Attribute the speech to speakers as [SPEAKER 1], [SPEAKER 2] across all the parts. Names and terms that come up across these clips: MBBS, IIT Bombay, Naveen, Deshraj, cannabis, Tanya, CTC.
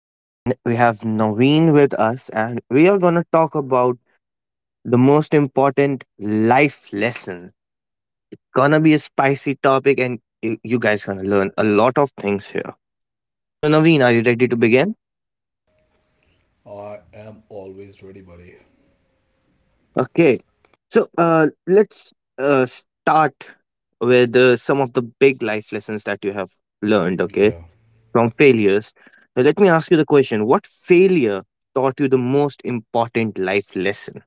[SPEAKER 1] and we have Naveen with us, and we are gonna talk about the most important life lesson. Gonna be a spicy topic, and you guys gonna learn a lot of things here. So, Naveen, are you ready to begin?
[SPEAKER 2] I am always ready, buddy.
[SPEAKER 1] Okay. Let's start with some of the big life lessons that you have learned. Okay,
[SPEAKER 2] Yeah,
[SPEAKER 1] from failures. So, let me ask you the question: What failure taught you the most important life lesson?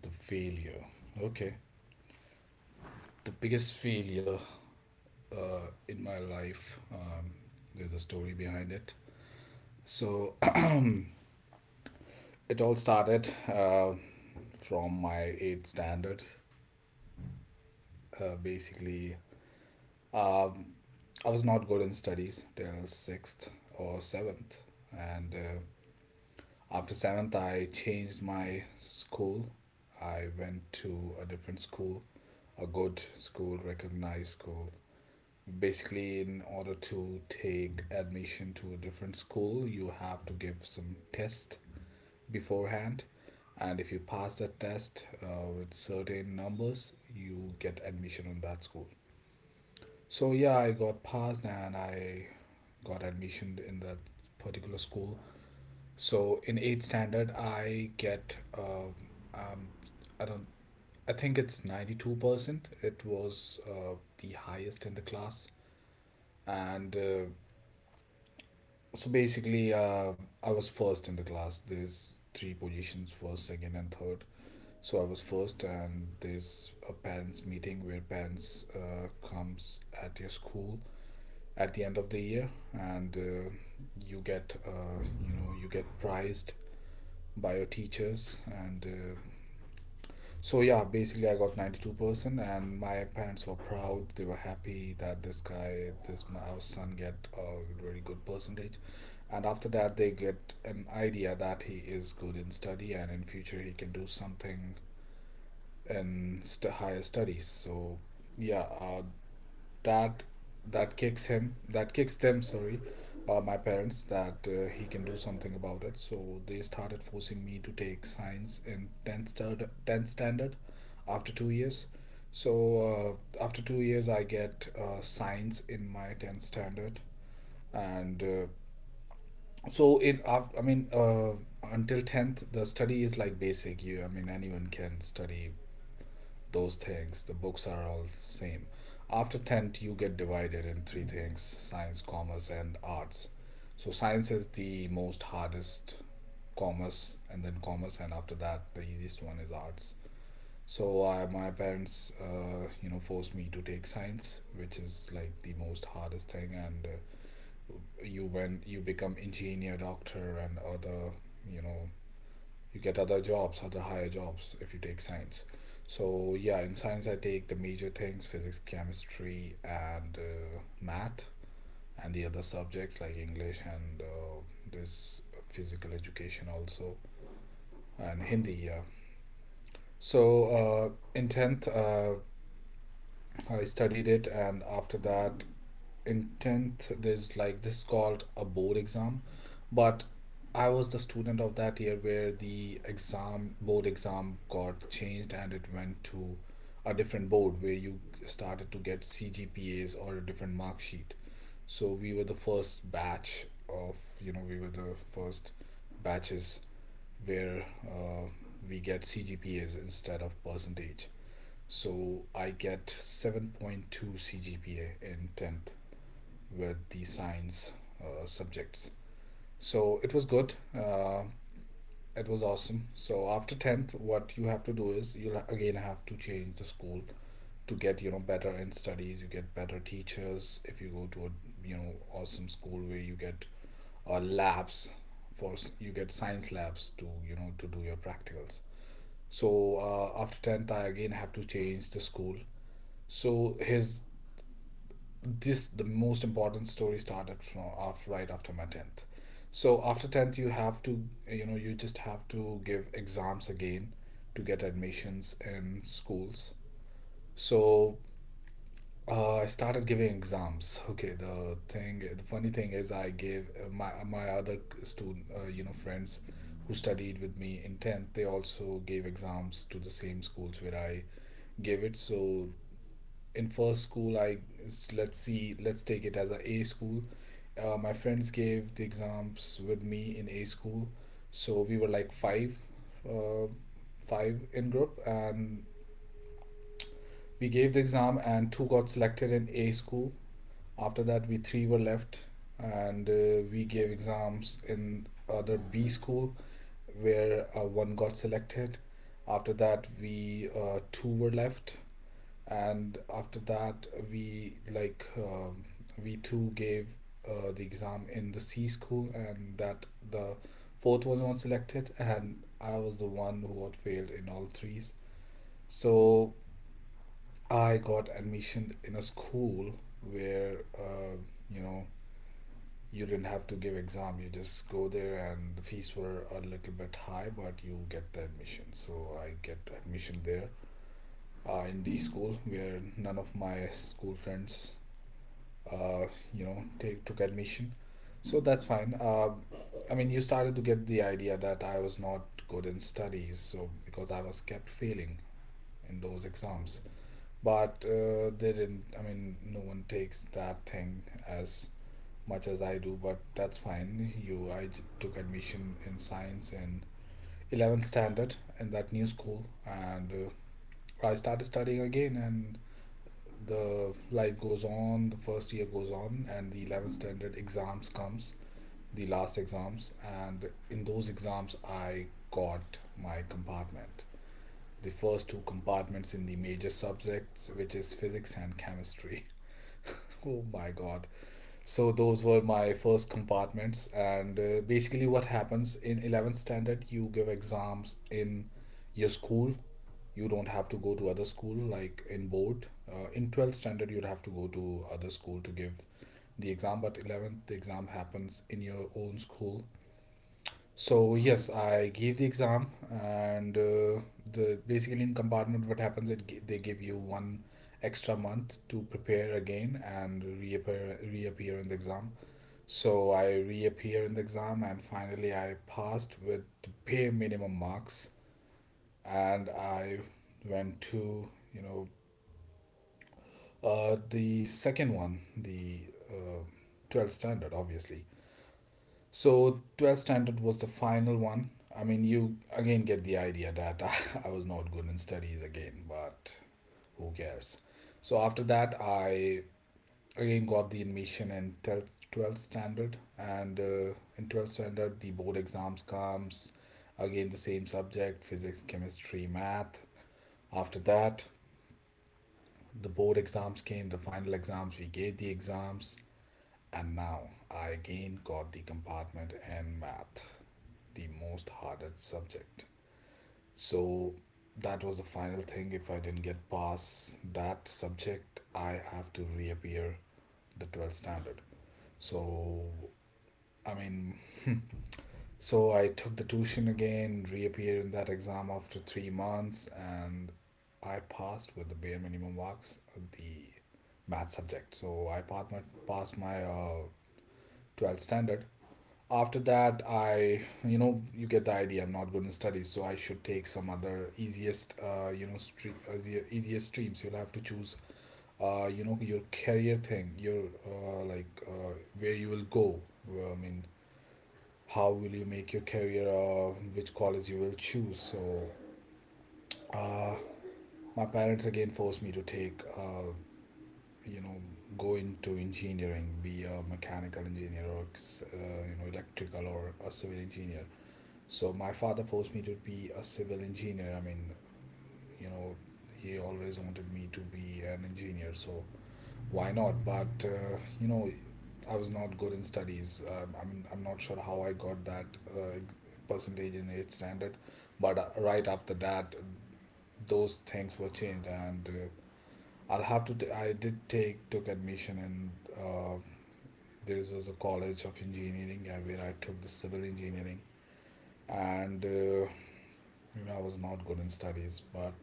[SPEAKER 2] the failure. Okay. The biggest failure in my life, there's a story behind it. So it all started from my 8th standard. Basically, um, I was not good in studies till 6th or 7th. And after 7th, I changed my school. I went to a different school, a good school, recognized school. Basically, in order to take admission to a different school, you have to give some test beforehand, and if you pass that test with certain numbers, you get admission in that school. So yeah, I got passed, and I got admission in that particular school. So in 8th standard, I get um, I don't I think it's 92%. It was the highest in the class. And So basically, I was first in the class. There's three positions: first, second, and third. So I was first, and there's a parents' meeting where parents comes at your school at the end of the year, and you get you get prized by your teachers, and so yeah, basically I got 92%, and my parents were proud. They were happy that this guy, this my our son get a really good percentage. And after that, they get an idea that he is good in study, and in future he can do something in higher studies. So yeah, that that kicks him, that kicks them, sorry, my parents, that he can do something about it. So they started forcing me to take science in 10th standard, 10th standard, after 2 years. So after 2 years, I get science in my 10th standard. And so in af- I mean until 10th, the study is like basic. You, I mean, anyone can study those things. The books are all the same. After 10th, you get divided in three things: science, commerce, and arts. So science is the most hardest, commerce, and then commerce, and after that, the easiest one is arts. So I, my parents, you know, forced me to take science, which is like the most hardest thing. And you, when you become engineer, doctor, and other, you know, you get other jobs, other higher jobs if you take science. So yeah, in science, I take the major things: physics, chemistry, and math, and the other subjects like English and this physical education also, and Hindi, yeah. So in 10th, I studied it, and after that, in 10th, there's like, this is called a board exam. But I was the student of that year where the exam, board exam, got changed, and it went to a different board where you started to get CGPAs or a different mark sheet. So we were the first batch of, you know, we were the first batches where we get CGPAs instead of percentage. So I get 7.2 CGPA in 10th with the science subjects. So it was good. It was awesome. So after 10th, what you have to do is, you'll again have to change the school to get, you know, better in studies. You get better teachers if you go to a, you know, awesome school where you get labs for, you get science labs to, you know, to do your practicals. So after 10th, I again have to change the school. So his this the most important story started from after right after my 10th. So after 10th, you have to, you know, you just have to give exams again to get admissions in schools. So I started giving exams. Okay, the funny thing is, I gave my other student, you know, friends who studied with me in 10th, they also gave exams to the same schools where I gave it. So in first school, I let's see, let's take it as a school. My friends gave the exams with me in a school. So we were like five, uh, five in group, and we gave the exam, and two got selected in a school. After that, we three were left, and we gave exams in other B school, where one got selected. After that, we two were left, and after that, we like, we two gave the exam in the C school, and that the fourth one was selected, and I was the one who had failed in all threes. So I got admission in a school where, you know, you didn't have to give exam, you just go there, and the fees were a little bit high, but you get the admission. So I get admission there in D school, where none of my school friends, uh, you know, take took admission. So that's fine, I mean, you started to get the idea that I was not good in studies, so because I was kept failing in those exams. But they didn't, I mean, no one takes that thing as much as I do, but that's fine. Took admission in science in 11th standard in that new school, and I started studying again, and the life goes on. The first year goes on, and the 11th standard exams comes, the last exams, and in those exams, I got my compartment, the first two compartments in the major subjects, which is physics and chemistry. Oh my god. So those were my first compartments. And basically, what happens in 11th standard, you give exams in your school, you don't have to go to other school like in board. In 12th standard, you'd have to go to other school to give the exam, but 11th, the exam happens in your own school. So yes, I gave the exam, and the basically, in compartment, what happens, it they give you one extra month to prepare again and reappear in the exam. So I reappear in the exam, and finally I passed with the bare minimum marks, and I went to, you know, the second one, the uh, 12th standard, obviously. So 12th standard was the final one. I mean, you again get the idea that I was not good in studies again, but who cares? So after that, I again got the admission in 12th, standard, and in 12th standard, the board exams comes again, the same subject: physics, chemistry, math. After that, the board exams came, the final exams, we gave the exams, and now I again got the compartment in math, the most hardest subject. So that was the final thing. If I didn't get past that subject, I have to reappear the 12th standard. So I mean, so I took the tuition again, reappeared in that exam after 3 months, and I passed with the bare minimum marks, the math subject. So I passed my passed my uh, 12th standard. After that, I, you know, you get the idea, I'm not good in studies, so I should take some other easiest, you know, easiest streams. You'll have to choose you know, your career thing, your, where you will go. Well, I mean, how will you make your career, which college you will choose. So uh, my parents again forced me to take, you know, go into engineering, be a mechanical engineer or you know, electrical or a civil engineer. So my father forced me to be a civil engineer. I mean, you know, he always wanted me to be an engineer, so why not? But you know, I was not good in studies. I mean, I'm not sure how I got that uh, percentage in eighth standard, but right after that, those things were changed, and I'll have to. I did take took admission in. Uh, there was a college of engineering where I took the civil engineering, and you know, I was not good in studies, but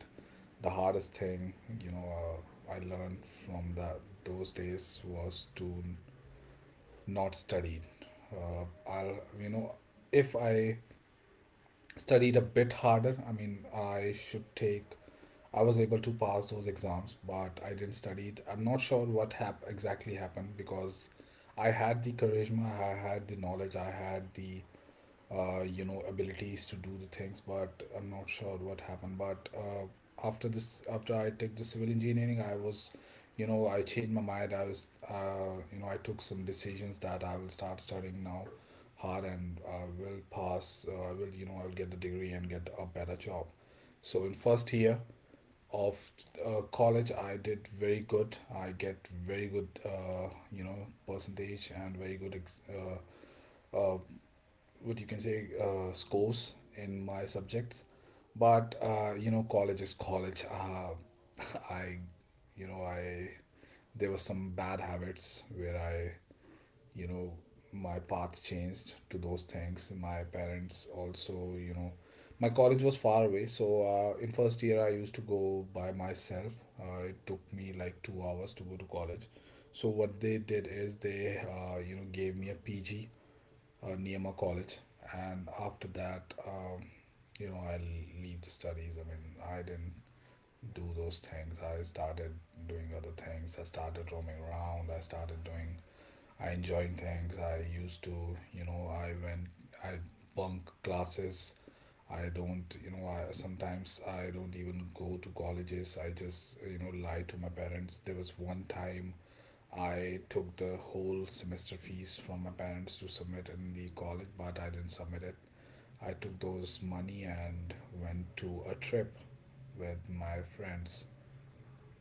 [SPEAKER 2] the hardest thing, you know, I learned from that those days was to not studied. Uh, I'll, you know, if I studied a bit harder, I mean, I should take. I was able to pass those exams, but I didn't study it. I'm not sure what exactly happened because I had the charisma, I had the knowledge, I had the abilities to do the things, but I'm not sure what happened. But uh, after this after I took the civil engineering, I was, I changed my mind. I was, I took some decisions that I will start studying now hard and I will pass. I will, I will get the degree and get a better job. So in first year of college, I did very good. I get very good, percentage and very good, uh, what you can say, scores in my subjects. But college is college. I you know I there were some bad habits where I, you know my path changed to those things. My parents also, my college was far away, so in first year I used to go by myself. It took me like 2 hours to go to college. So what they did is they, gave me a PG, Niyama College, and after that, I leave the studies. I mean, I didn't do those things. I started doing other things. I started roaming around. I started doing. I enjoyed things. I used to, I went. I bunk classes. I don't, I sometimes I don't even go to colleges. I just, lie to my parents. There was one time I took the whole semester fees from my parents to submit in the college, but I didn't submit it. I took those money and went to a trip with my friends.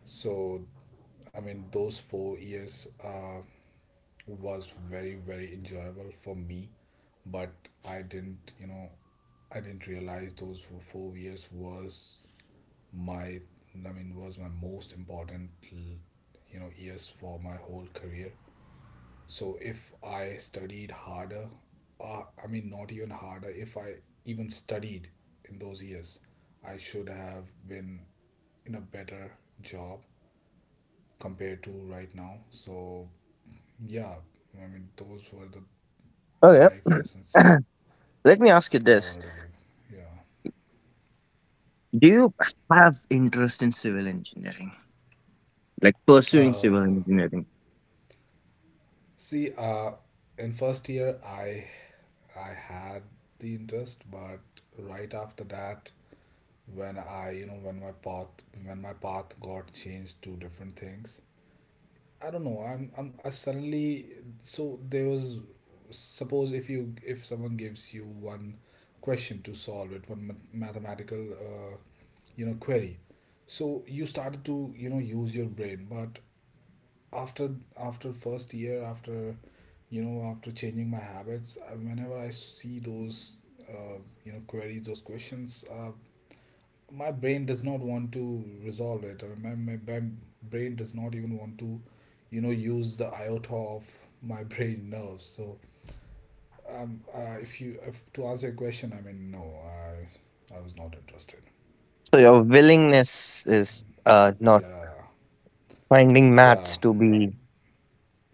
[SPEAKER 2] So, I mean, those 4 years was very, very enjoyable for me, but I didn't, I didn't realize those years was my, I mean, was my most important, years for my whole career. So if I studied harder, I mean, not even harder, if I even studied in those years, I should have been in a better job compared to right now. So, yeah, I mean, those were the
[SPEAKER 1] Okay.
[SPEAKER 2] life lessons
[SPEAKER 1] Let me ask you
[SPEAKER 2] I
[SPEAKER 1] this.
[SPEAKER 2] wanted to give.
[SPEAKER 1] Do you have interest in civil engineering? Like
[SPEAKER 2] Yeah.
[SPEAKER 1] pursuing civil engineering?
[SPEAKER 2] See, in first year, I had the interest, but right after that, when I, when my path got changed to different things. I don't know. I suddenly. So there was, suppose if you, if someone gives you one question to solve it, one mathematical, query. So you started to, use your brain, but after after first year, after changing my habits, I- whenever I see those, queries, those questions, my brain does not want to resolve it. I mean, my brain does not even want to, use the iota of my brain nerves. So, if you if, to answer your question, I mean, no, I was not interested.
[SPEAKER 1] So your willingness is not
[SPEAKER 2] Yeah,
[SPEAKER 1] finding
[SPEAKER 2] yeah,
[SPEAKER 1] maths to be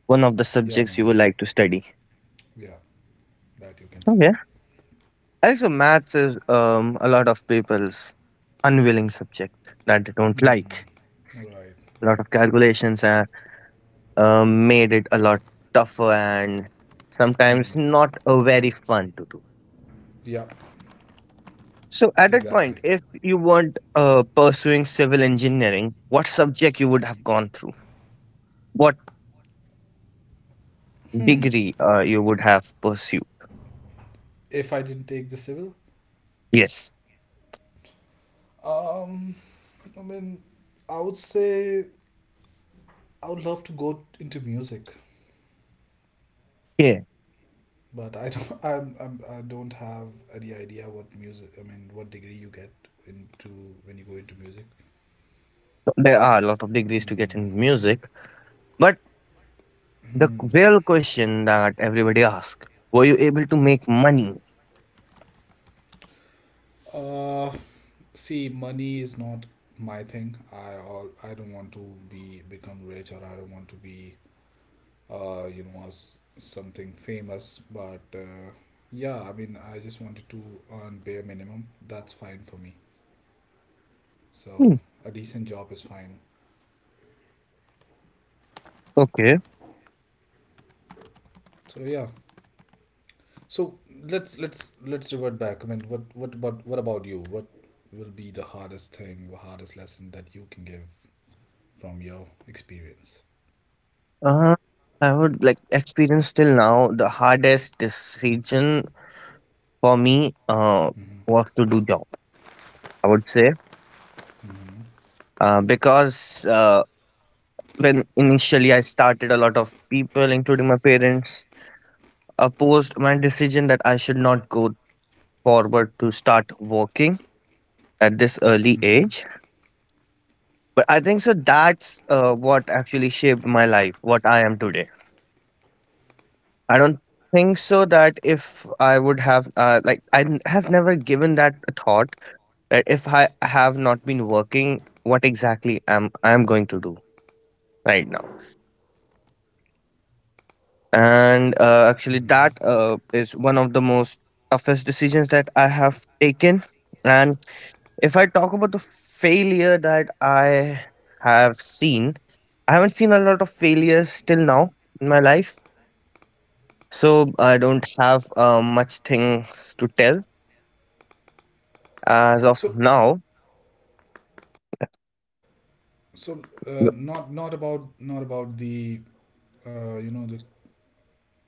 [SPEAKER 1] one of the
[SPEAKER 2] yeah,
[SPEAKER 1] subjects you
[SPEAKER 2] man,
[SPEAKER 1] would like to study.
[SPEAKER 2] yeah, that you can say.
[SPEAKER 1] Okay. Also maths is a lot of people's unwilling subject that they don't
[SPEAKER 2] Hmm.
[SPEAKER 1] like.
[SPEAKER 2] Right,
[SPEAKER 1] A lot
[SPEAKER 2] right.
[SPEAKER 1] of calculations are made it a lot tougher and
[SPEAKER 2] Hmm.
[SPEAKER 1] sometimes not a very fun to do.
[SPEAKER 2] Yeah,
[SPEAKER 1] So at that
[SPEAKER 2] exactly.
[SPEAKER 1] point, if you weren't pursuing civil engineering, what subject you would have gone through? What
[SPEAKER 2] Hmm.
[SPEAKER 1] degree you would have pursued?
[SPEAKER 2] If I didn't take the civil,
[SPEAKER 1] Yes.
[SPEAKER 2] um, I mean, I would say I would love to go into music,
[SPEAKER 1] Yeah.
[SPEAKER 2] but I don't. I don't have any idea what music. I mean, what degree you get into when you go into music.
[SPEAKER 1] So there are a lot of degrees to get
[SPEAKER 2] Hmm.
[SPEAKER 1] in music, but the
[SPEAKER 2] Hmm.
[SPEAKER 1] real question that everybody asks: Were you able to make money?
[SPEAKER 2] Uh, see, money is not my thing. I all. I don't want to be become rich, or I don't want to be. As something famous. But yeah, I mean, I just wanted to earn bare minimum. That's fine for me. So
[SPEAKER 1] Hmm.
[SPEAKER 2] a decent job is fine.
[SPEAKER 1] Okay.
[SPEAKER 2] So yeah, so let's revert back. I mean, what about you? What will be the hardest thing, the hardest lesson that you can give from your experience?
[SPEAKER 1] Uh, I would like experience till now the hardest decision for me
[SPEAKER 2] Hmm.
[SPEAKER 1] was to do job. I would say
[SPEAKER 2] Hmm.
[SPEAKER 1] because when initially I started, a lot of people, including my parents, opposed my decision that I should not go forward to start working at this early
[SPEAKER 2] Hmm.
[SPEAKER 1] age. But I think so that's what actually shaped my life, what I am today. I don't think so that if I would have, like, have never given that a thought that if I have not been working, what exactly am I am going to do right now. And actually
[SPEAKER 2] Hmm.
[SPEAKER 1] that is one of the most toughest decisions that I have taken. And if I talk about the failure that I have seen, I haven't seen a lot of failures till now in my life, so I don't have much things to tell as of
[SPEAKER 2] So,
[SPEAKER 1] now.
[SPEAKER 2] so not not about the the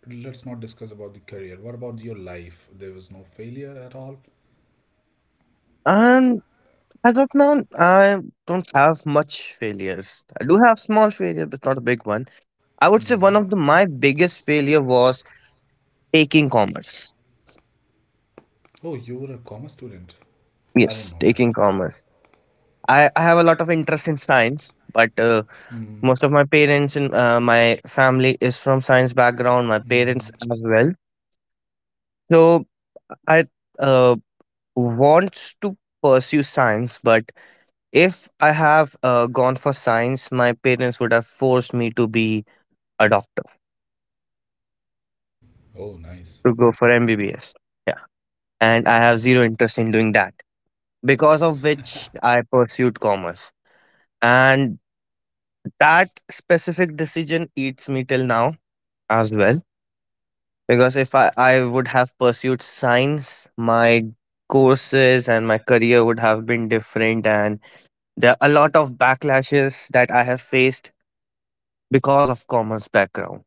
[SPEAKER 2] let's not discuss about the career. What about your life? There was no failure at all.
[SPEAKER 1] And as of now, I don't have much failures. I do have small failures, but not a big one. I would say one
[SPEAKER 2] Hmm.
[SPEAKER 1] of my biggest failure was taking commerce.
[SPEAKER 2] Oh, you were a commerce student. I didn't
[SPEAKER 1] Yes,
[SPEAKER 2] know that.
[SPEAKER 1] taking commerce. I have a lot of interest in science, but
[SPEAKER 2] Hmm.
[SPEAKER 1] most of my parents and my family is from science background. My parents
[SPEAKER 2] Hmm.
[SPEAKER 1] as well. So I uh, wants to pursue science, but if I have gone for science, my parents would have forced me to be a doctor,
[SPEAKER 2] Oh, nice.
[SPEAKER 1] to go for MBBS. Yeah, and I have zero interest in doing that, because of which I pursued commerce. And that specific decision eats me till now as well. Because if I would have pursued science, my courses and my career would have been different. And there are a lot of backlashes that I have faced because of commerce background.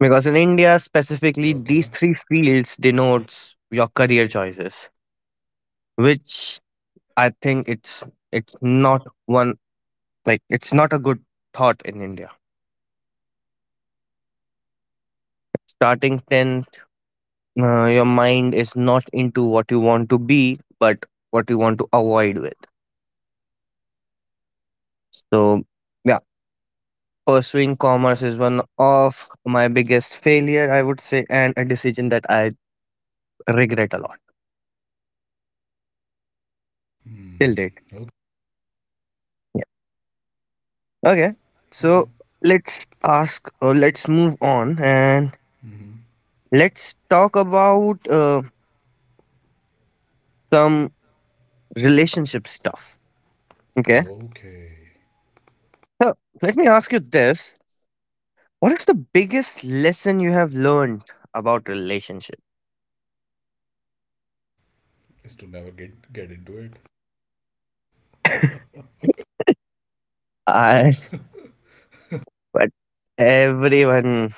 [SPEAKER 1] Because in India specifically, these
[SPEAKER 2] Okay.
[SPEAKER 1] three fields denotes your career choices, which I think it's not one like it's not a good thought in India. Starting 10, your mind is not into what you want to be but what you want to avoid with. So yeah, pursuing commerce is one of my biggest failure I would say, and a decision that I regret a lot
[SPEAKER 2] Hmm.
[SPEAKER 1] till date. Yeah. Okay.
[SPEAKER 2] Okay.
[SPEAKER 1] So let's ask, or let's move on and
[SPEAKER 2] Hmm.
[SPEAKER 1] let's talk about some relationship stuff. Okay.
[SPEAKER 2] Okay.
[SPEAKER 1] So let me ask you this: what is the biggest lesson you have learned about relationship?
[SPEAKER 2] Is to never get into it.
[SPEAKER 1] I. But everyone,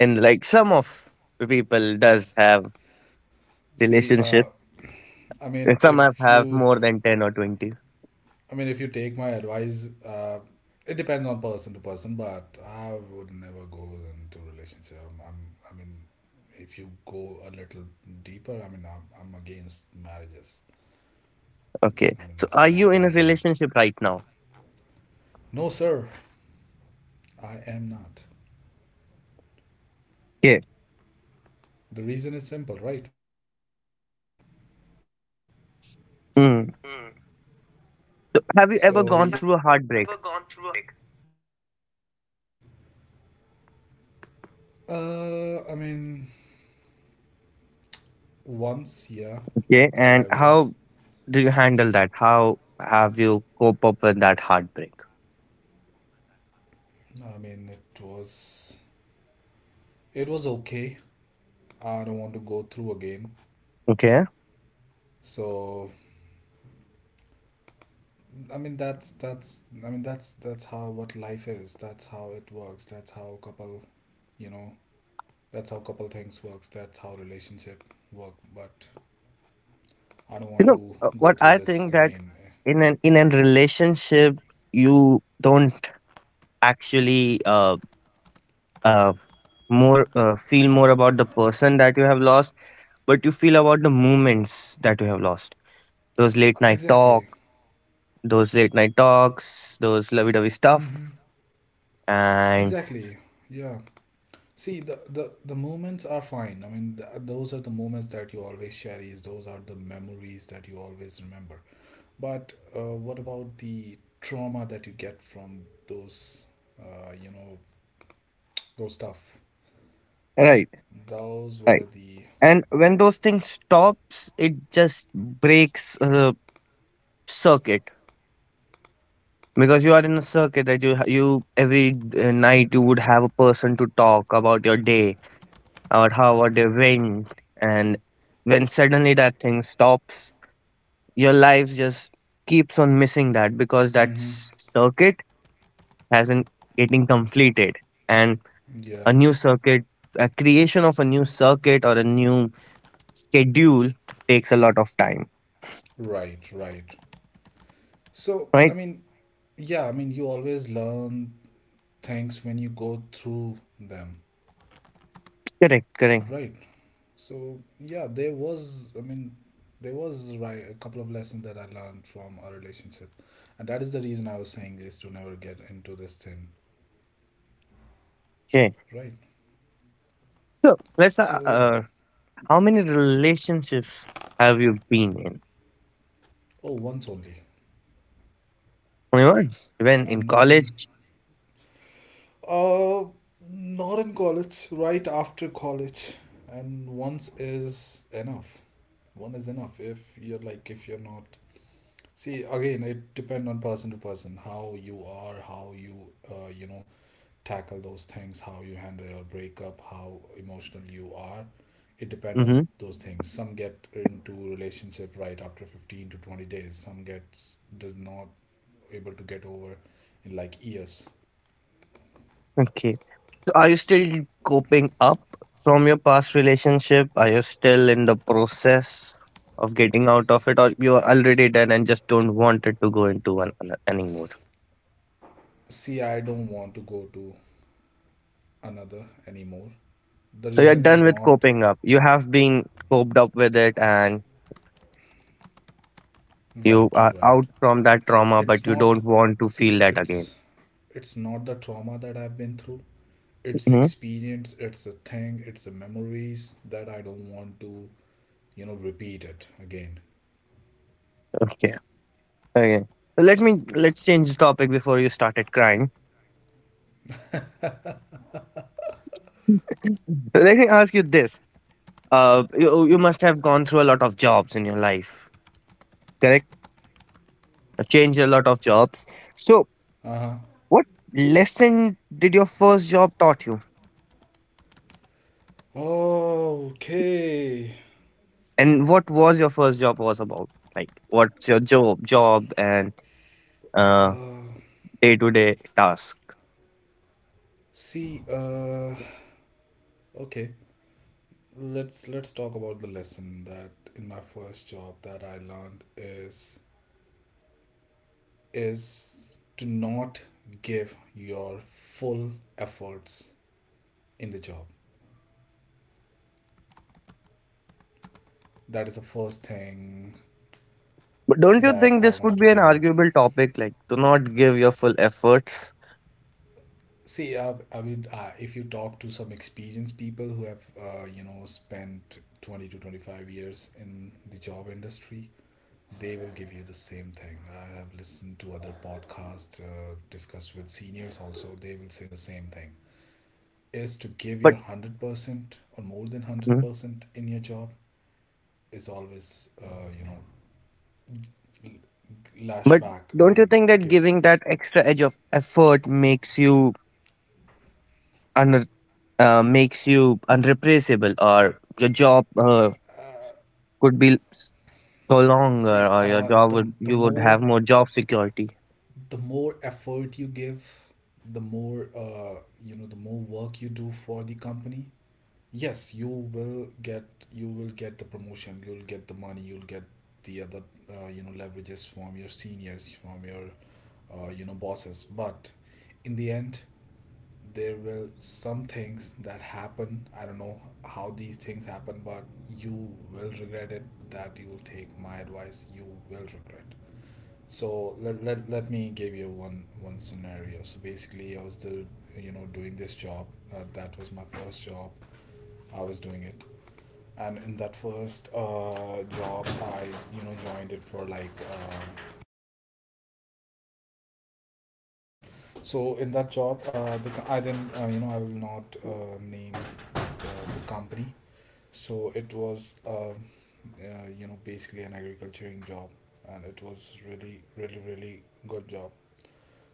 [SPEAKER 1] and like some of the people does have
[SPEAKER 2] See,
[SPEAKER 1] relationship,
[SPEAKER 2] I
[SPEAKER 1] and
[SPEAKER 2] mean,
[SPEAKER 1] some
[SPEAKER 2] if
[SPEAKER 1] have
[SPEAKER 2] you,
[SPEAKER 1] more than 10 or 20.
[SPEAKER 2] I mean, if you take my advice, uh, it depends on person to person, but I would never go into relationship. I mean, if you go a little deeper, I mean, I'm against marriages.
[SPEAKER 1] Okay.
[SPEAKER 2] I mean,
[SPEAKER 1] So are you
[SPEAKER 2] not
[SPEAKER 1] in
[SPEAKER 2] my
[SPEAKER 1] a
[SPEAKER 2] thing.
[SPEAKER 1] relationship right now?
[SPEAKER 2] No, sir, I am not.
[SPEAKER 1] Okay.
[SPEAKER 2] The reason is simple, right?
[SPEAKER 1] Mm. So have you ever
[SPEAKER 2] So,
[SPEAKER 1] gone
[SPEAKER 2] yeah,
[SPEAKER 1] through a heartbreak?
[SPEAKER 2] I mean, once, yeah, I
[SPEAKER 1] Okay.
[SPEAKER 2] was.
[SPEAKER 1] And how do you handle that? How have you cope up with that heartbreak?
[SPEAKER 2] I mean, it was okay. I don't want to go through again.
[SPEAKER 1] Okay.
[SPEAKER 2] So, I mean, that's I mean, that's how what life is. That's how it works. That's how couple, you know, that's how couple things works. That's how relationship work. But
[SPEAKER 1] You
[SPEAKER 2] I
[SPEAKER 1] know,
[SPEAKER 2] don't want
[SPEAKER 1] what
[SPEAKER 2] to
[SPEAKER 1] I
[SPEAKER 2] go
[SPEAKER 1] think
[SPEAKER 2] through
[SPEAKER 1] that
[SPEAKER 2] this again.
[SPEAKER 1] in an in a relationship you don't actually uh, more feel more about the person that you have lost, but you feel about the moments that you have lost. Those late night talk,
[SPEAKER 2] Exactly.
[SPEAKER 1] those late night talks, those lovey-dovey
[SPEAKER 2] Mm-hmm.
[SPEAKER 1] stuff. And
[SPEAKER 2] Exactly. Yeah. See, the moments are fine. I mean, those are the moments that you always cherish. Those are the memories that you always remember. But what about the trauma that you get from those, uh, you know, those stuff?
[SPEAKER 1] right,
[SPEAKER 2] Those were
[SPEAKER 1] right.
[SPEAKER 2] the.
[SPEAKER 1] And when those things stops, it just breaks circuit. Because you are in a circuit that you every night you would have a person to talk about your day, about how your day went. And when suddenly that thing stops, your life just keeps on missing that because that
[SPEAKER 2] Hmm.
[SPEAKER 1] circuit hasn't getting completed. And a
[SPEAKER 2] Yeah,
[SPEAKER 1] new circuit, a creation of a new circuit or a new schedule takes a lot of time.
[SPEAKER 2] right, right. So,
[SPEAKER 1] Right.
[SPEAKER 2] I mean, yeah, I mean, you always learn things when you go through them,
[SPEAKER 1] Correct, correct.
[SPEAKER 2] right? So yeah, there was, I mean, there was right a couple of lessons that I learned from our relationship, and that is the reason I was saying is to never get into this thing,
[SPEAKER 1] Okay.
[SPEAKER 2] right?
[SPEAKER 1] So let's
[SPEAKER 2] So yeah,
[SPEAKER 1] how many relationships have you been in?
[SPEAKER 2] oh, once only,
[SPEAKER 1] Only once when in
[SPEAKER 2] and one,
[SPEAKER 1] college.
[SPEAKER 2] uh, not in college, right after college, and once is enough. One is enough if you're like if you're not. See, again, it depend on person to person how you are, how you, tackle those things, how you handle your breakup, how emotional you are. It depends on
[SPEAKER 1] Mm-hmm.
[SPEAKER 2] those things. Some get into relationship right after 15 to 20 days, some gets does not able to get over in like years.
[SPEAKER 1] Okay. Are you still coping up from your past relationship? Are you still in the process of getting out of it, or you are already done and just don't want it to go into anymore?
[SPEAKER 2] See, I don't want to go to another anymore. The
[SPEAKER 1] So you're
[SPEAKER 2] reason is
[SPEAKER 1] done with
[SPEAKER 2] not
[SPEAKER 1] coping up. You have been coped up with it, and you
[SPEAKER 2] right,
[SPEAKER 1] are
[SPEAKER 2] right.
[SPEAKER 1] out from that trauma,
[SPEAKER 2] It's
[SPEAKER 1] but you
[SPEAKER 2] not,
[SPEAKER 1] don't want to feel
[SPEAKER 2] see,
[SPEAKER 1] that again.
[SPEAKER 2] it's not the trauma that I've been through. It's
[SPEAKER 1] Hmm.
[SPEAKER 2] experience, it's a thing, it's the memories that I don't want to, repeat it again.
[SPEAKER 1] Okay. Okay. So let me, let's change the topic before you started crying. So let me ask you this: you must have gone through a lot of jobs in your life, correct? I changed a lot of jobs. So,
[SPEAKER 2] Uh huh.
[SPEAKER 1] what lesson did your first job taught you,
[SPEAKER 2] Okay.
[SPEAKER 1] and what was your first job was about? Like, what's your job, job, and uh,
[SPEAKER 2] Uh,
[SPEAKER 1] day-to-day task?
[SPEAKER 2] see. Okay. Let's talk about the lesson that in my first job that I learned is to not give your full efforts in the job. That is the first thing
[SPEAKER 1] But don't you
[SPEAKER 2] that
[SPEAKER 1] think
[SPEAKER 2] I
[SPEAKER 1] this
[SPEAKER 2] wanted
[SPEAKER 1] would
[SPEAKER 2] to
[SPEAKER 1] be an
[SPEAKER 2] give you.
[SPEAKER 1] arguable topic? Like, do not give your full efforts.
[SPEAKER 2] See, I mean, if you talk to some experienced people who have, spent 20 to 25 years in the job industry, they will give you the same thing. I have listened to other podcasts, discussed with seniors also, they will say the same thing. Is to give
[SPEAKER 1] But,
[SPEAKER 2] your 100% or more than
[SPEAKER 1] mhm.
[SPEAKER 2] 100% in your job is always, lash
[SPEAKER 1] But
[SPEAKER 2] back. I
[SPEAKER 1] don't you
[SPEAKER 2] mean,
[SPEAKER 1] think that
[SPEAKER 2] gives.
[SPEAKER 1] giving that extra edge of effort makes you un- makes you unreplaceable, or your job
[SPEAKER 2] Uh,
[SPEAKER 1] could be go longer,
[SPEAKER 2] see,
[SPEAKER 1] or your job would,
[SPEAKER 2] the
[SPEAKER 1] you would
[SPEAKER 2] more
[SPEAKER 1] have more job security.
[SPEAKER 2] the more effort you give, the more the more work you do for the company, yes, you will get, you will get the promotion, you'll get the money, you'll get the other leverages from your seniors, from your bosses. But in the end, there will some things that happen. I don't know how these things happen, but you will regret it. That you will take my advice. You will regret. So let me give you one scenario. So basically, I was the, doing this job. That was my first job. I was doing it, and in that first job, I, joined it for like. So in that job, I didn't, I will not name the company. So it was basically an agriculturing job, and it was really good job.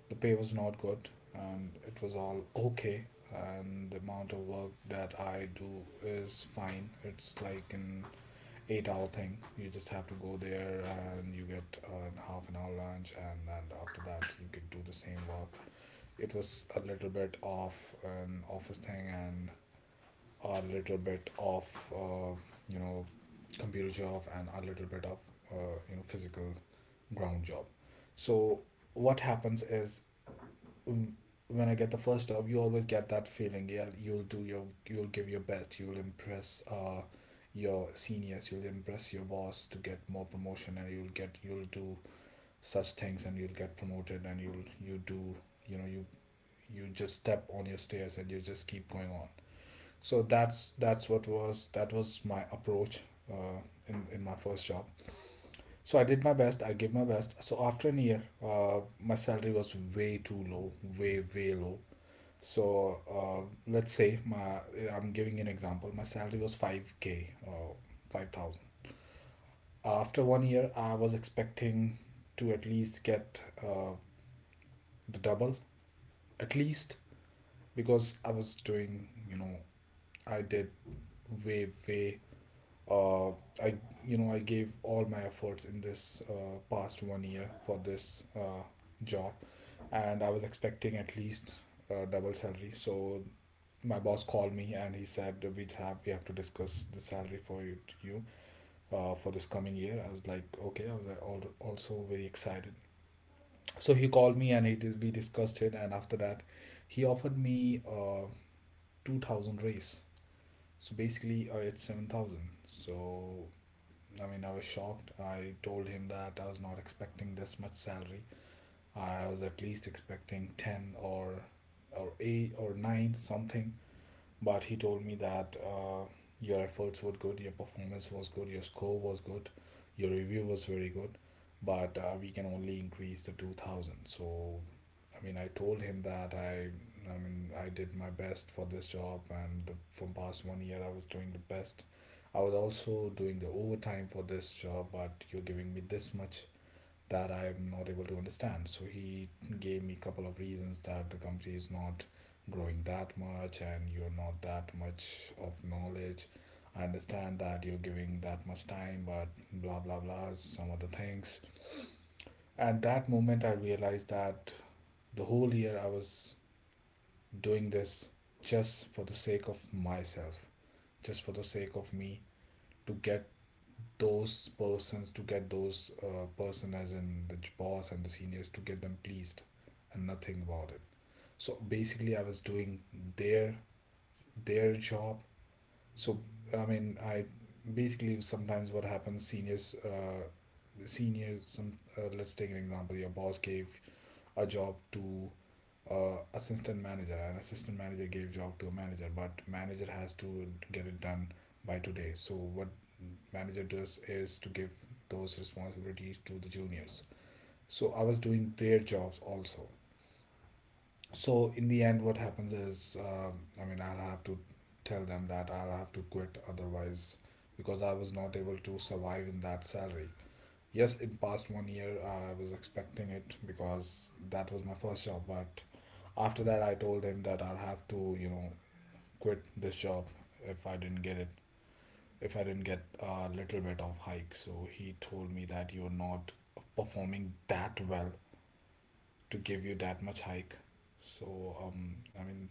[SPEAKER 2] The pay was not good, and it was all okay, and the amount of work that I do is fine. It's like an 8 hour thing. You just have to go there, and you get a half an hour lunch, and then after that you could do the same work. It was a little bit of an office thing, and a little bit of uh, you know computer job, and a little bit of physical ground job. So what happens is when I get the first job, you always get that feeling. Yeah, you'll do your, you'll give your best. You'll impress your seniors. You'll impress your boss to get more promotion, and you'll get, you'll do such things, and you'll get promoted, and you'll, you do, you know, you, you just step on your stairs, and you just keep going on. So that's what was that was my approach uh, in my first job. So I did my best. I gave my best. So after an year, my salary was way too low, way way low. So let's say my, I'm giving an example. My salary was 5K or 5,000. After 1 year, I was expecting to at least get the double, at least because I was doing you know I did way way uh, I I gave all my efforts in this past 1 year for this job, and I was expecting at least double salary. So my boss called me and he said we have to discuss the salary for you, for this coming year. I was like, okay. I was like, also very excited. So he called me and we discussed it, and after that he offered me 2000 raise, so basically it's 7000. So I mean, I was shocked. I told him that I was not expecting this much salary. I was at least expecting 10, or 8 or 9, something. But he told me that your efforts were good, your performance was good, your score was good, your review was very good, but we can only increase the 2000. So, I mean, I told him that I mean, I did my best for this job, and from past 1 year, I was doing the best. I was also doing the overtime for this job, but you're giving me this much that I'm not able to understand. So he gave me a couple of reasons that the company is not growing that much and you're not that much of knowledge. I understand that you're giving that much time, but blah blah blah, some other things. At that moment, I realized that the whole year I was doing this just for the sake of myself, just for the sake of me to get those person, as in the boss and the seniors, to get them pleased, and nothing about it. So basically I was doing their their job. So I mean I basically sometimes what happens, seniors seniors some let's take an example. Your boss gave a job to assistant manager. An assistant manager gave job to a manager, but manager has to get it done by today. So what manager does is to give those responsibilities to the juniors. So I was doing their jobs also. So in the end what happens is I mean I'll have to tell them that I'll have to quit otherwise, because I was not able to survive in that salary. Yes, in past 1 year I was expecting it because that was my first job. But after that, I told him that I'll have to, quit this job if I didn't get it, if I didn't get a little bit of hike. So he told me that you're not performing that well to give you that much hike. So I mean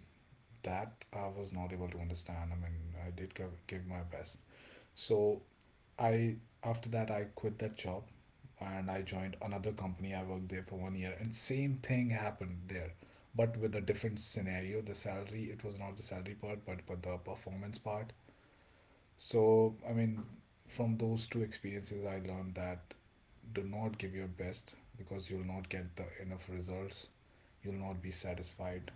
[SPEAKER 2] that I was not able to understand. I mean I did give my best. So I after that I quit that job and I joined another company. I worked there for 1 year and same thing happened there, but with a different scenario. The salary, it was not the salary part, but the performance part. So I mean, from those two experiences, I learned that do not give your best because you'll not get the enough results. You'll not be satisfied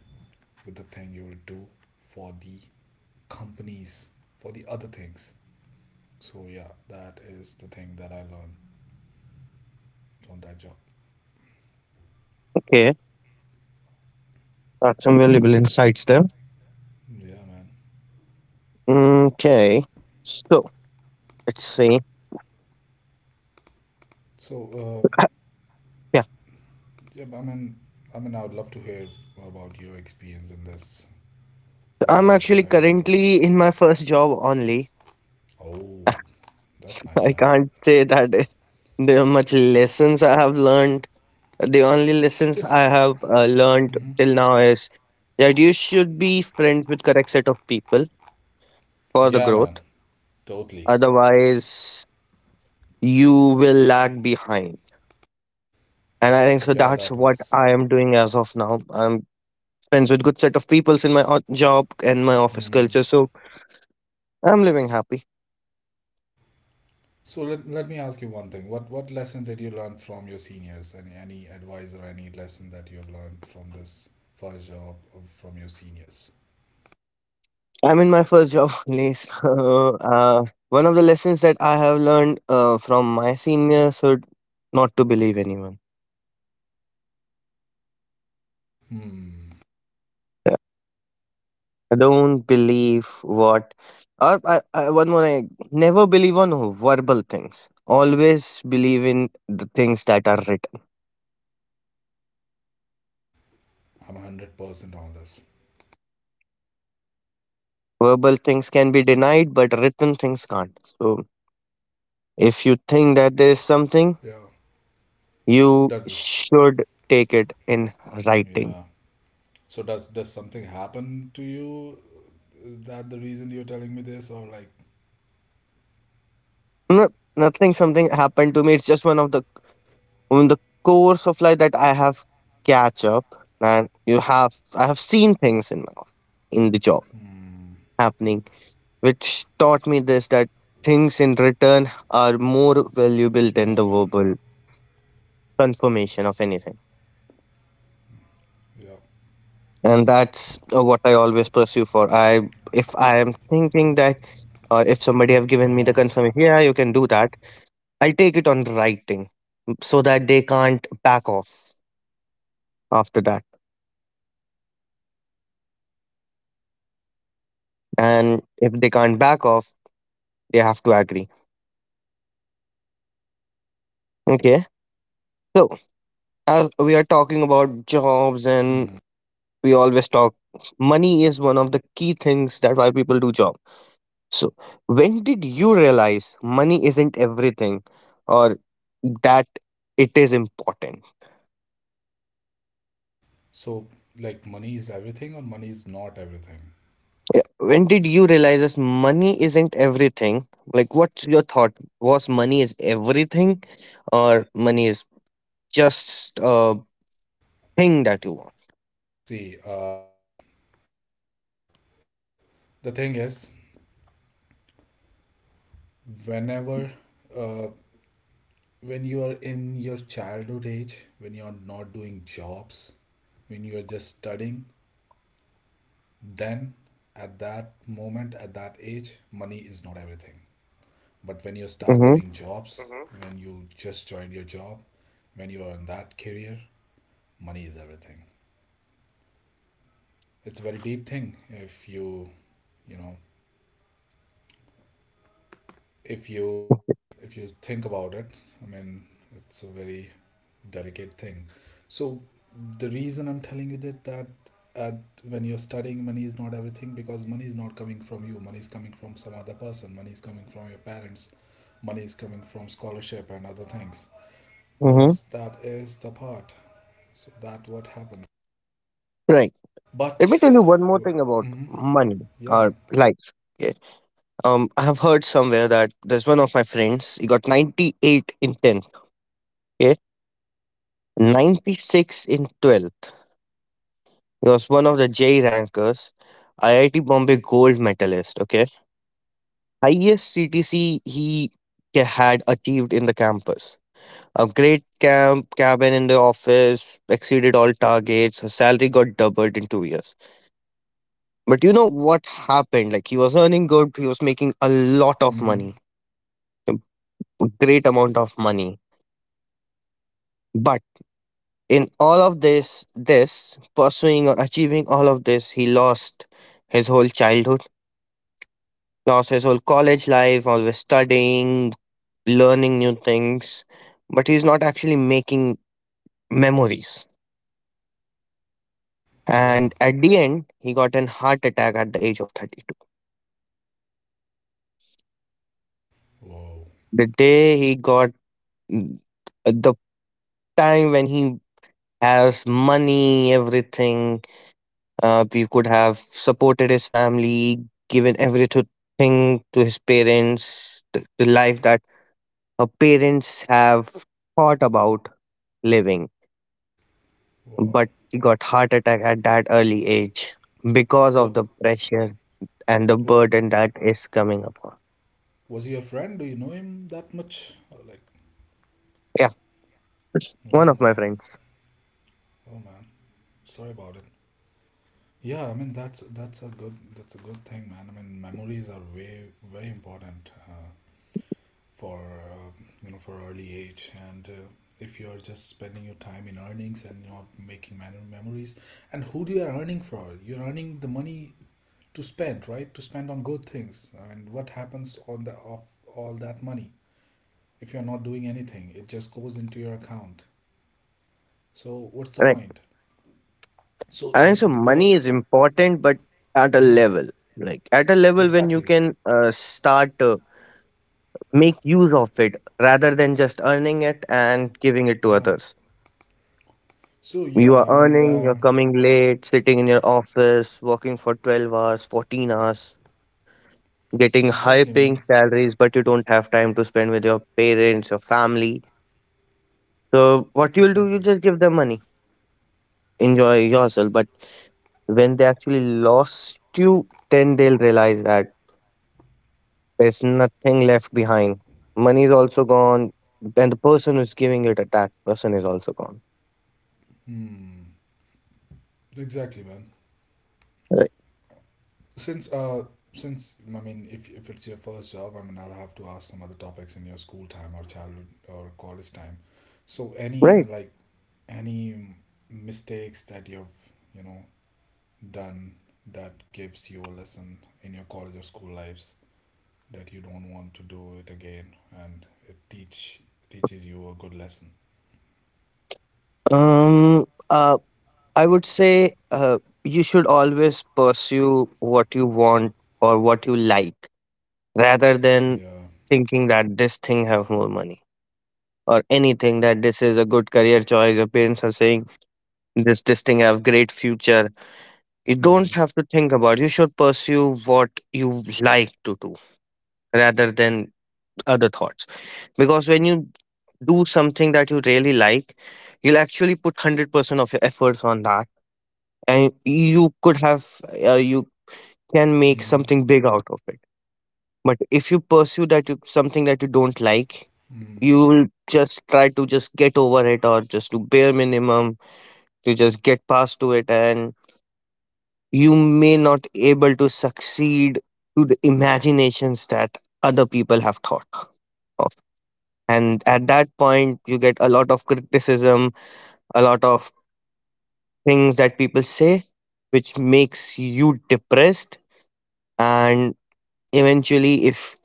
[SPEAKER 2] with the thing you'll do for the companies, for the other things. So yeah, that is the thing that I learned. On that job,
[SPEAKER 1] Okay, got some valuable insights there.
[SPEAKER 2] yeah, man.
[SPEAKER 1] Okay, so let's see.
[SPEAKER 2] So,
[SPEAKER 1] Yeah,
[SPEAKER 2] yeah, I mean, I would love to hear about your experience in this.
[SPEAKER 1] so
[SPEAKER 2] What
[SPEAKER 1] I'm
[SPEAKER 2] about you? What
[SPEAKER 1] actually
[SPEAKER 2] are your thoughts?
[SPEAKER 1] currently in my first job only.
[SPEAKER 2] Oh, that's nice,
[SPEAKER 1] I
[SPEAKER 2] man.
[SPEAKER 1] can't say that there are much lessons I have learned. The only lessons I
[SPEAKER 2] This,
[SPEAKER 1] have learned till now is that you should be friends with correct set of people for the
[SPEAKER 2] yeah, man,
[SPEAKER 1] growth.
[SPEAKER 2] totally.
[SPEAKER 1] Otherwise, you will lag behind. And I think so
[SPEAKER 2] Yeah,
[SPEAKER 1] that's
[SPEAKER 2] that
[SPEAKER 1] what
[SPEAKER 2] is.
[SPEAKER 1] I am doing as of now. I'm friends with good set of peoples in my job and my office
[SPEAKER 2] Mhm.
[SPEAKER 1] culture, so I'm living happy.
[SPEAKER 2] So, let me ask you one thing. What lesson did you learn from your seniors? Any advice or any lesson that you have learned from this first job or from your seniors?
[SPEAKER 1] I'm in my first job only. So, one of the lessons that I have learned from my seniors should not to believe anyone.
[SPEAKER 2] Hmm.
[SPEAKER 1] Yeah. I don't believe what, or I, one more, I never believe on verbal things. Always believe in the things that are written.
[SPEAKER 2] I'm 100% on this.
[SPEAKER 1] Verbal things can be denied, but written things can't. So if you think that there is something,
[SPEAKER 2] Yeah.
[SPEAKER 1] you
[SPEAKER 2] That's
[SPEAKER 1] should take it in writing.
[SPEAKER 2] yeah. So does something happen to you? Is that the reason you're telling me this, or like,
[SPEAKER 1] No, nothing, something happened to me. It's just one of the on the course of life that I have catch up, and you have I have seen things in my in the job
[SPEAKER 2] hmm,
[SPEAKER 1] happening, which taught me this that things in return are more valuable than
[SPEAKER 2] yeah,
[SPEAKER 1] the
[SPEAKER 2] man,
[SPEAKER 1] verbal confirmation of anything.
[SPEAKER 2] yeah.
[SPEAKER 1] And that's what I always pursue for. I if I am thinking that, or if somebody have given me the
[SPEAKER 2] Uh,
[SPEAKER 1] confirmation, yeah you can do that, I'll take it on writing, so that they can't back off after that. And if they can't back off, they have to agree. Okay. So as we are talking about jobs, and
[SPEAKER 2] hmm.
[SPEAKER 1] we always talk, money is one of the key things that why people do job. So, when did you realize money isn't everything, or that it is important?
[SPEAKER 2] So like, money is everything, or money is not everything?
[SPEAKER 1] Yeah. When did you realize this money isn't everything? Like, what's your thought? Was money is everything or money is just a thing that you want?
[SPEAKER 2] See, the thing is, whenever, uh, when you are in your childhood age, when you are not doing jobs, when you are just studying, then at that moment, at that age, money is not everything. But when you start
[SPEAKER 1] Mm-hmm.
[SPEAKER 2] doing jobs, when you just join your job, when you are in that career, money is everything. It's a very deep thing. If you know if you you think about it, I mean, it's a very delicate thing. So the reason I'm telling you that uh, when you're studying, money is not everything because money is not coming from you. Money is coming from some other person. Money is coming from your parents. Money is coming from scholarship and other things.
[SPEAKER 1] Mm-hmm.
[SPEAKER 2] Thus, that is the part. So that what happens.
[SPEAKER 1] Right. Let me tell you one
[SPEAKER 2] But
[SPEAKER 1] more thing about money
[SPEAKER 2] mm,
[SPEAKER 1] or
[SPEAKER 2] yeah,
[SPEAKER 1] life.
[SPEAKER 2] man.
[SPEAKER 1] Okay. I have heard somewhere that there's one of my friends. He got 98 in 10th. Okay. 96 in 12th. He was one of the J rankers, IIT Bombay gold medalist. Okay. Highest CTC he had achieved in the campus. A great cabin in the office, exceeded all targets. Her salary got doubled in 2 years. But you know what happened? Like he was earning good, he was making a lot of money,
[SPEAKER 2] Mm-hmm.
[SPEAKER 1] a great amount of money. But in all of this pursuing or achieving all of this, he lost his whole childhood, lost his whole college life, always studying, learning new things. But he's not actually making memories. And
[SPEAKER 2] Yeah.
[SPEAKER 1] at the end, he got an heart attack at the age of 32.
[SPEAKER 2] Wow.
[SPEAKER 1] The day he got mm, the time when he has money, everything. We could have supported his family, given everything to his parents, the life that her parents have thought about living. But
[SPEAKER 2] Wow.
[SPEAKER 1] he got heart attack at that early age because of
[SPEAKER 2] What
[SPEAKER 1] the pressure and the
[SPEAKER 2] was
[SPEAKER 1] burden that is coming upon.
[SPEAKER 2] was he your friend? Do you know him that much? Or like,
[SPEAKER 1] Yeah, one
[SPEAKER 2] oh
[SPEAKER 1] of my
[SPEAKER 2] man,
[SPEAKER 1] friends.
[SPEAKER 2] oh man. Sorry about it. Yeah, I mean that's that's a good thing, man. I mean memories are way very important for for early age, and if you are just spending your time in earnings and not making memories, and who do you are earning for? You're earning the money to spend, right? To spend on good things. And what happens on the of all that money if you're not doing anything? It just goes into your account. So what's the
[SPEAKER 1] Right.
[SPEAKER 2] point? So
[SPEAKER 1] I think so
[SPEAKER 2] the
[SPEAKER 1] money
[SPEAKER 2] but
[SPEAKER 1] is important, but at a
[SPEAKER 2] yeah,
[SPEAKER 1] level, like at a level when you
[SPEAKER 2] exactly.
[SPEAKER 1] can start make use of it rather than just earning it and giving it to
[SPEAKER 2] Yeah.
[SPEAKER 1] others.
[SPEAKER 2] So
[SPEAKER 1] You are
[SPEAKER 2] yeah,
[SPEAKER 1] earning, you're coming late, sitting in your office, working for 12 hours, 14 hours, getting high
[SPEAKER 2] exactly,
[SPEAKER 1] paying
[SPEAKER 2] man.
[SPEAKER 1] salaries, but you don't have time to spend with your parents, your family. So, what you'll do, you
[SPEAKER 2] Exactly.
[SPEAKER 1] just give them money, enjoy yourself. But when they actually lost you, then they'll realize that there's nothing left behind. Money is also gone, and the person who's giving it at that person is also gone.
[SPEAKER 2] Hmm. Exactly, man.
[SPEAKER 1] Right.
[SPEAKER 2] Since uh, since I mean, if it's your first job, I mean, I'll have to ask some other topics in your school time or childhood or college time. So any
[SPEAKER 1] Right.
[SPEAKER 2] like any mistakes that you've done that gives you a lesson in your college or school lives that you don't want to do it again and it teach teaches you a good lesson.
[SPEAKER 1] Um, uh, I would say you should always pursue what you want or what you like rather than
[SPEAKER 2] Yeah.
[SPEAKER 1] thinking that this thing have more money or anything that this is a good career choice your parents are saying, this thing have great future, you don't
[SPEAKER 2] Mm-hmm.
[SPEAKER 1] have to think about, you should pursue what you like to do rather than other thoughts. Because when you do something that you really like, you'll actually put 100% of your efforts on that and you could have you can make
[SPEAKER 2] Mm-hmm.
[SPEAKER 1] something big out of it. But if you pursue that something that you don't like,
[SPEAKER 2] Mm-hmm.
[SPEAKER 1] you will just try to just get over it or just do bare minimum to just get past to it, and you may not able to succeed to the imaginations that other people have thought of. And at that point you get a lot of criticism, a lot of things that people say, which makes you depressed. And eventually if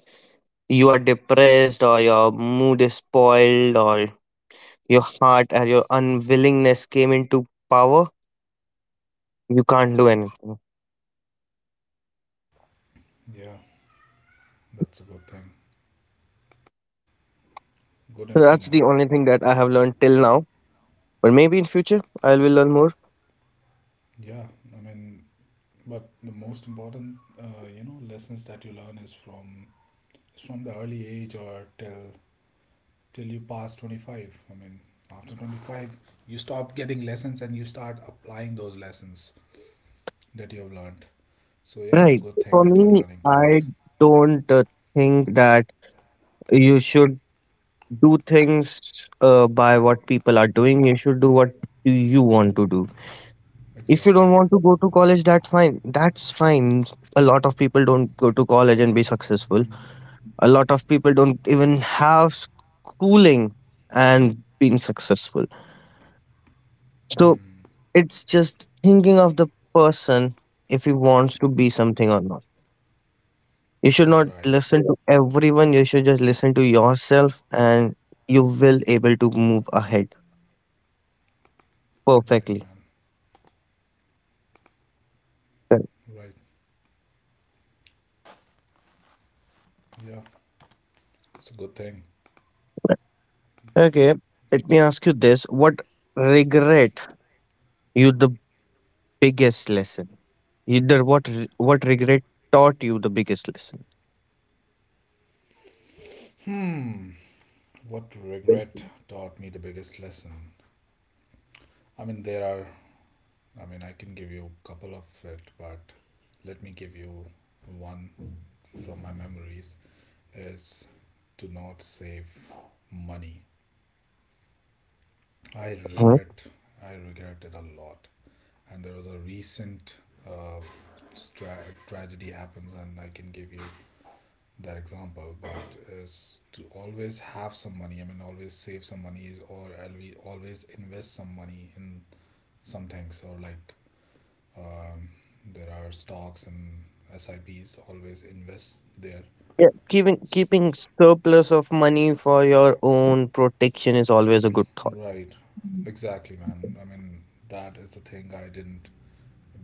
[SPEAKER 1] you are depressed or your mood is spoiled or your heart or your unwillingness came into power, you can't do anything.
[SPEAKER 2] Yeah, that's a good thing. Good
[SPEAKER 1] So
[SPEAKER 2] info,
[SPEAKER 1] that's the
[SPEAKER 2] man.
[SPEAKER 1] only thing that I have learned till now, but maybe in future I will learn more.
[SPEAKER 2] Yeah, I mean, but the most important lessons that you learn is from the early age or till you pass 25. I mean, after 25 you stop getting lessons and you start applying those lessons that you have learned. So yeah, it's a
[SPEAKER 1] Right.
[SPEAKER 2] good thing
[SPEAKER 1] For
[SPEAKER 2] that you're
[SPEAKER 1] me,
[SPEAKER 2] learning
[SPEAKER 1] I
[SPEAKER 2] things.
[SPEAKER 1] don't think that you should do things by what people are doing. You should do what you want to do. If you
[SPEAKER 2] Exactly.
[SPEAKER 1] don't want to go to college, that's fine. That's fine. A lot of people don't go to college and be successful.
[SPEAKER 2] Mm.
[SPEAKER 1] A lot of people don't even have schooling and being successful. So
[SPEAKER 2] Mm.
[SPEAKER 1] it's just thinking of the person if he wants to be something or not. You should not
[SPEAKER 2] Right.
[SPEAKER 1] listen to everyone. You should just listen to yourself, and you will able to move ahead
[SPEAKER 2] Right,
[SPEAKER 1] perfectly.
[SPEAKER 2] man. Right. Yeah, it's a good thing.
[SPEAKER 1] Correct. Okay, let me ask you this: what regret you the biggest lesson. Either what regret taught you the biggest lesson.
[SPEAKER 2] Hmm, what regret taught me the biggest lesson. I mean, there are, I mean, I can give you a couple of it, but let me give you one from my memories is to not save money. I
[SPEAKER 1] Mhm.
[SPEAKER 2] regret, I regret it a lot. And there was a recent uh, stra- tragedy happens, and I can give you that example. But is to always have some money. I mean, always save some money, always invest some money in some things, or like um, there are stocks and SIPs. Always invest there.
[SPEAKER 1] Yeah, keeping
[SPEAKER 2] S
[SPEAKER 1] keeping surplus of money for your own protection is always a good thought.
[SPEAKER 2] Right, exactly, man. I mean, that is the thing I didn't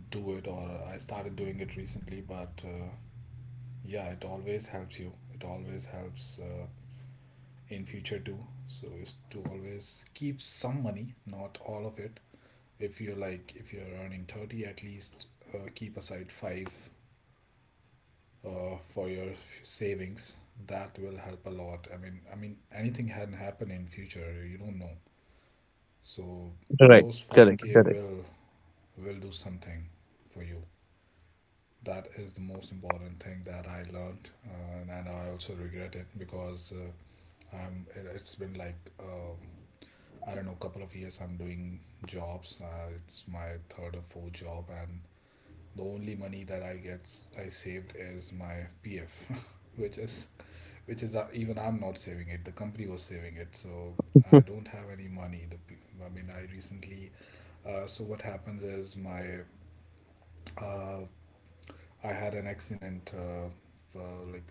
[SPEAKER 2] do it or I started doing it recently, but yeah, it always helps you, it always helps in future too. So is to always keep some money, not all of it. If you're like if you're earning 30, at least keep aside 5 for your savings. That will help a lot. I mean, anything can happen in future, you don't know. So
[SPEAKER 1] Right.
[SPEAKER 2] those
[SPEAKER 1] Correct.
[SPEAKER 2] 5k
[SPEAKER 1] Correct.
[SPEAKER 2] will do something for you. That is the most important thing that I learned, and I also regret it because I'm. It's been like I don't know, couple of years I'm doing jobs. It's my third or fourth job, and the only money that I saved is my PF, which is which is even I'm not saving it. The company was saving it, so I don't have any money. The I mean, I recently. So what happens is my uh, I had an accident. Like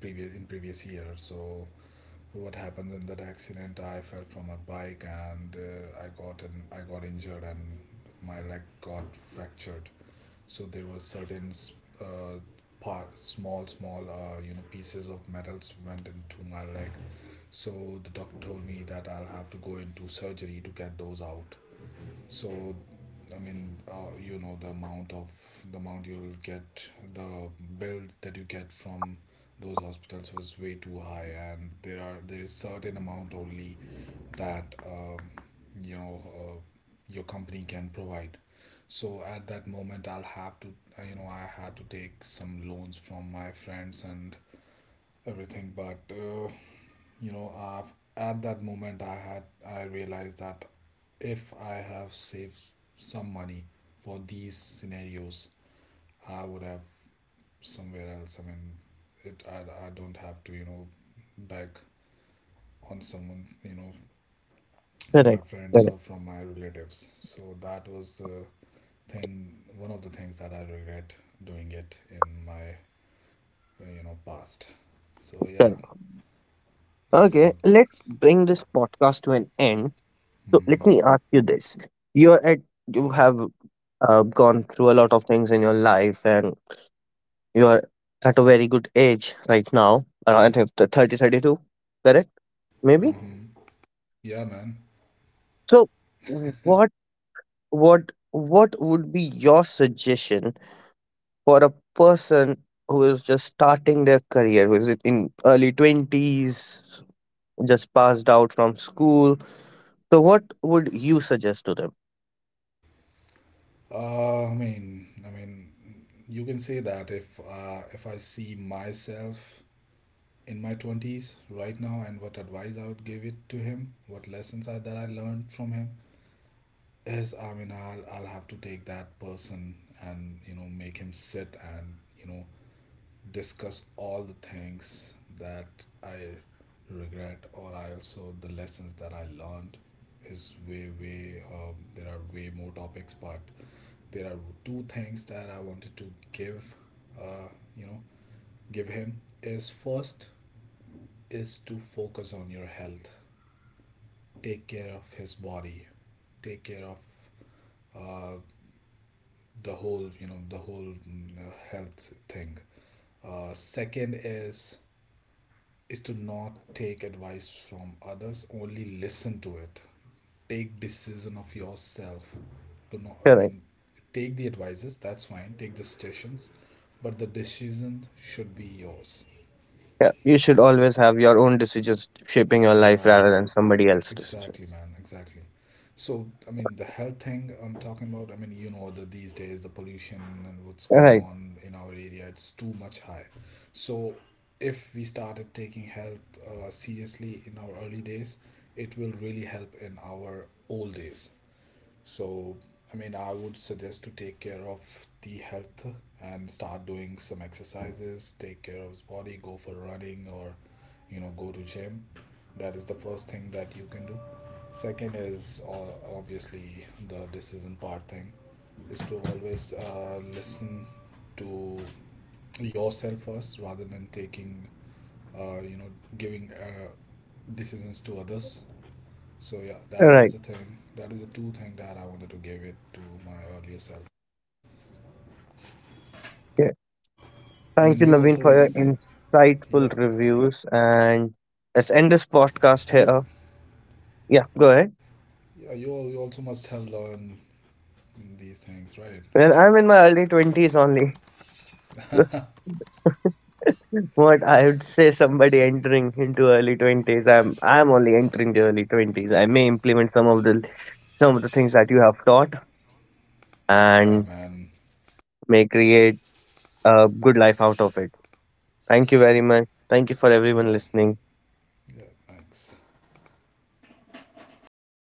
[SPEAKER 2] previous year. So what happened in that accident? I fell from a bike, and I got injured and my leg got fractured. So there was certain uh, part, small pieces of metals went into my leg. So the doctor told me that I'll have to go into surgery to get those out. So, I mean, the amount you'll get, the bill that you get from those hospitals was way too high, and there is certain amount only that you know uh, your company can provide. So at that moment, I'll have to I had to take some loans from my friends and everything, but. You know uh, at that moment I realized that if I have saved some money for these scenarios, I would have somewhere else. I mean, I don't have to beg on someone, from my
[SPEAKER 1] Correct.
[SPEAKER 2] friends or
[SPEAKER 1] Correct.
[SPEAKER 2] from my relatives. So that was the thing, one of the things that I regret doing it in my past. So yeah,
[SPEAKER 1] Correct.
[SPEAKER 2] that is a
[SPEAKER 1] Okay,
[SPEAKER 2] good.
[SPEAKER 1] let's bring this podcast to an end. So let me
[SPEAKER 2] Mm-hmm.
[SPEAKER 1] ask you this: you're at, you have gone through a lot of things in your life, and you're at a very good age right now, around I think the 30, 32, correct? Maybe.
[SPEAKER 2] Mm-hmm. Yeah, man.
[SPEAKER 1] So what what would be your suggestion for a person who is just starting their career, who is in early 20s, just passed out from school? So what would you suggest to them?
[SPEAKER 2] I mean, you can say that if I see myself in my twenties right now, and what advice I would give it to him, what lessons I, that I learned from him is, I mean, I'll have to take that person and make him sit and discuss all the things that I regret, or I also the lessons that I learned is way there are way more topics, but there are two things that I wanted to give, uh, you know, him is first is to focus on your health, take care of his body, take care of uh, the whole, the whole health thing. Second is to not take advice from others, only listen to it. Take decision of yourself. Do not, I mean,
[SPEAKER 1] Correct.
[SPEAKER 2] take the advices, that's fine, take the suggestions, but the decision should be yours.
[SPEAKER 1] Yeah, you should always have your own decisions shaping your life
[SPEAKER 2] Right,
[SPEAKER 1] rather than somebody else's
[SPEAKER 2] exactly,
[SPEAKER 1] decisions.
[SPEAKER 2] man, exactly. So I mean the health thing I'm talking about, I mean, that these days the pollution and what's
[SPEAKER 1] All
[SPEAKER 2] going
[SPEAKER 1] right.
[SPEAKER 2] on in our area, it's too much high. So if we started taking health seriously in our early days, it will really help in our old days. So, I mean, I would suggest to take care of the health and start doing some exercises, take care of his body, go for running or, go to gym. That is the first thing that you can do. Second is obviously the decision part thing is to always listen to yourself first rather than taking, uh, you know, giving decisions to others. So yeah,
[SPEAKER 1] All
[SPEAKER 2] that is
[SPEAKER 1] right.
[SPEAKER 2] the thing. That is the two thing that I wanted to give it to my earlier self.
[SPEAKER 1] Yeah.
[SPEAKER 2] I
[SPEAKER 1] Thank
[SPEAKER 2] mean,
[SPEAKER 1] you,
[SPEAKER 2] you
[SPEAKER 1] Naveen,
[SPEAKER 2] also,
[SPEAKER 1] for your
[SPEAKER 2] s- yeah,
[SPEAKER 1] insightful reviews. And let's end this podcast
[SPEAKER 2] you,
[SPEAKER 1] here. Yeah, go ahead.
[SPEAKER 2] yeah, you also must have learned these things, right?
[SPEAKER 1] Well, I'm in my early 20s only. So what I would say somebody entering into early 20s, I'm only entering the early 20s. I may implement some of the things that you have taught
[SPEAKER 2] Yeah,
[SPEAKER 1] and
[SPEAKER 2] man.
[SPEAKER 1] may create a good life out of it. Thank you very much. Thank you for everyone
[SPEAKER 2] Yeah,
[SPEAKER 1] listening.
[SPEAKER 2] yeah. Thanks.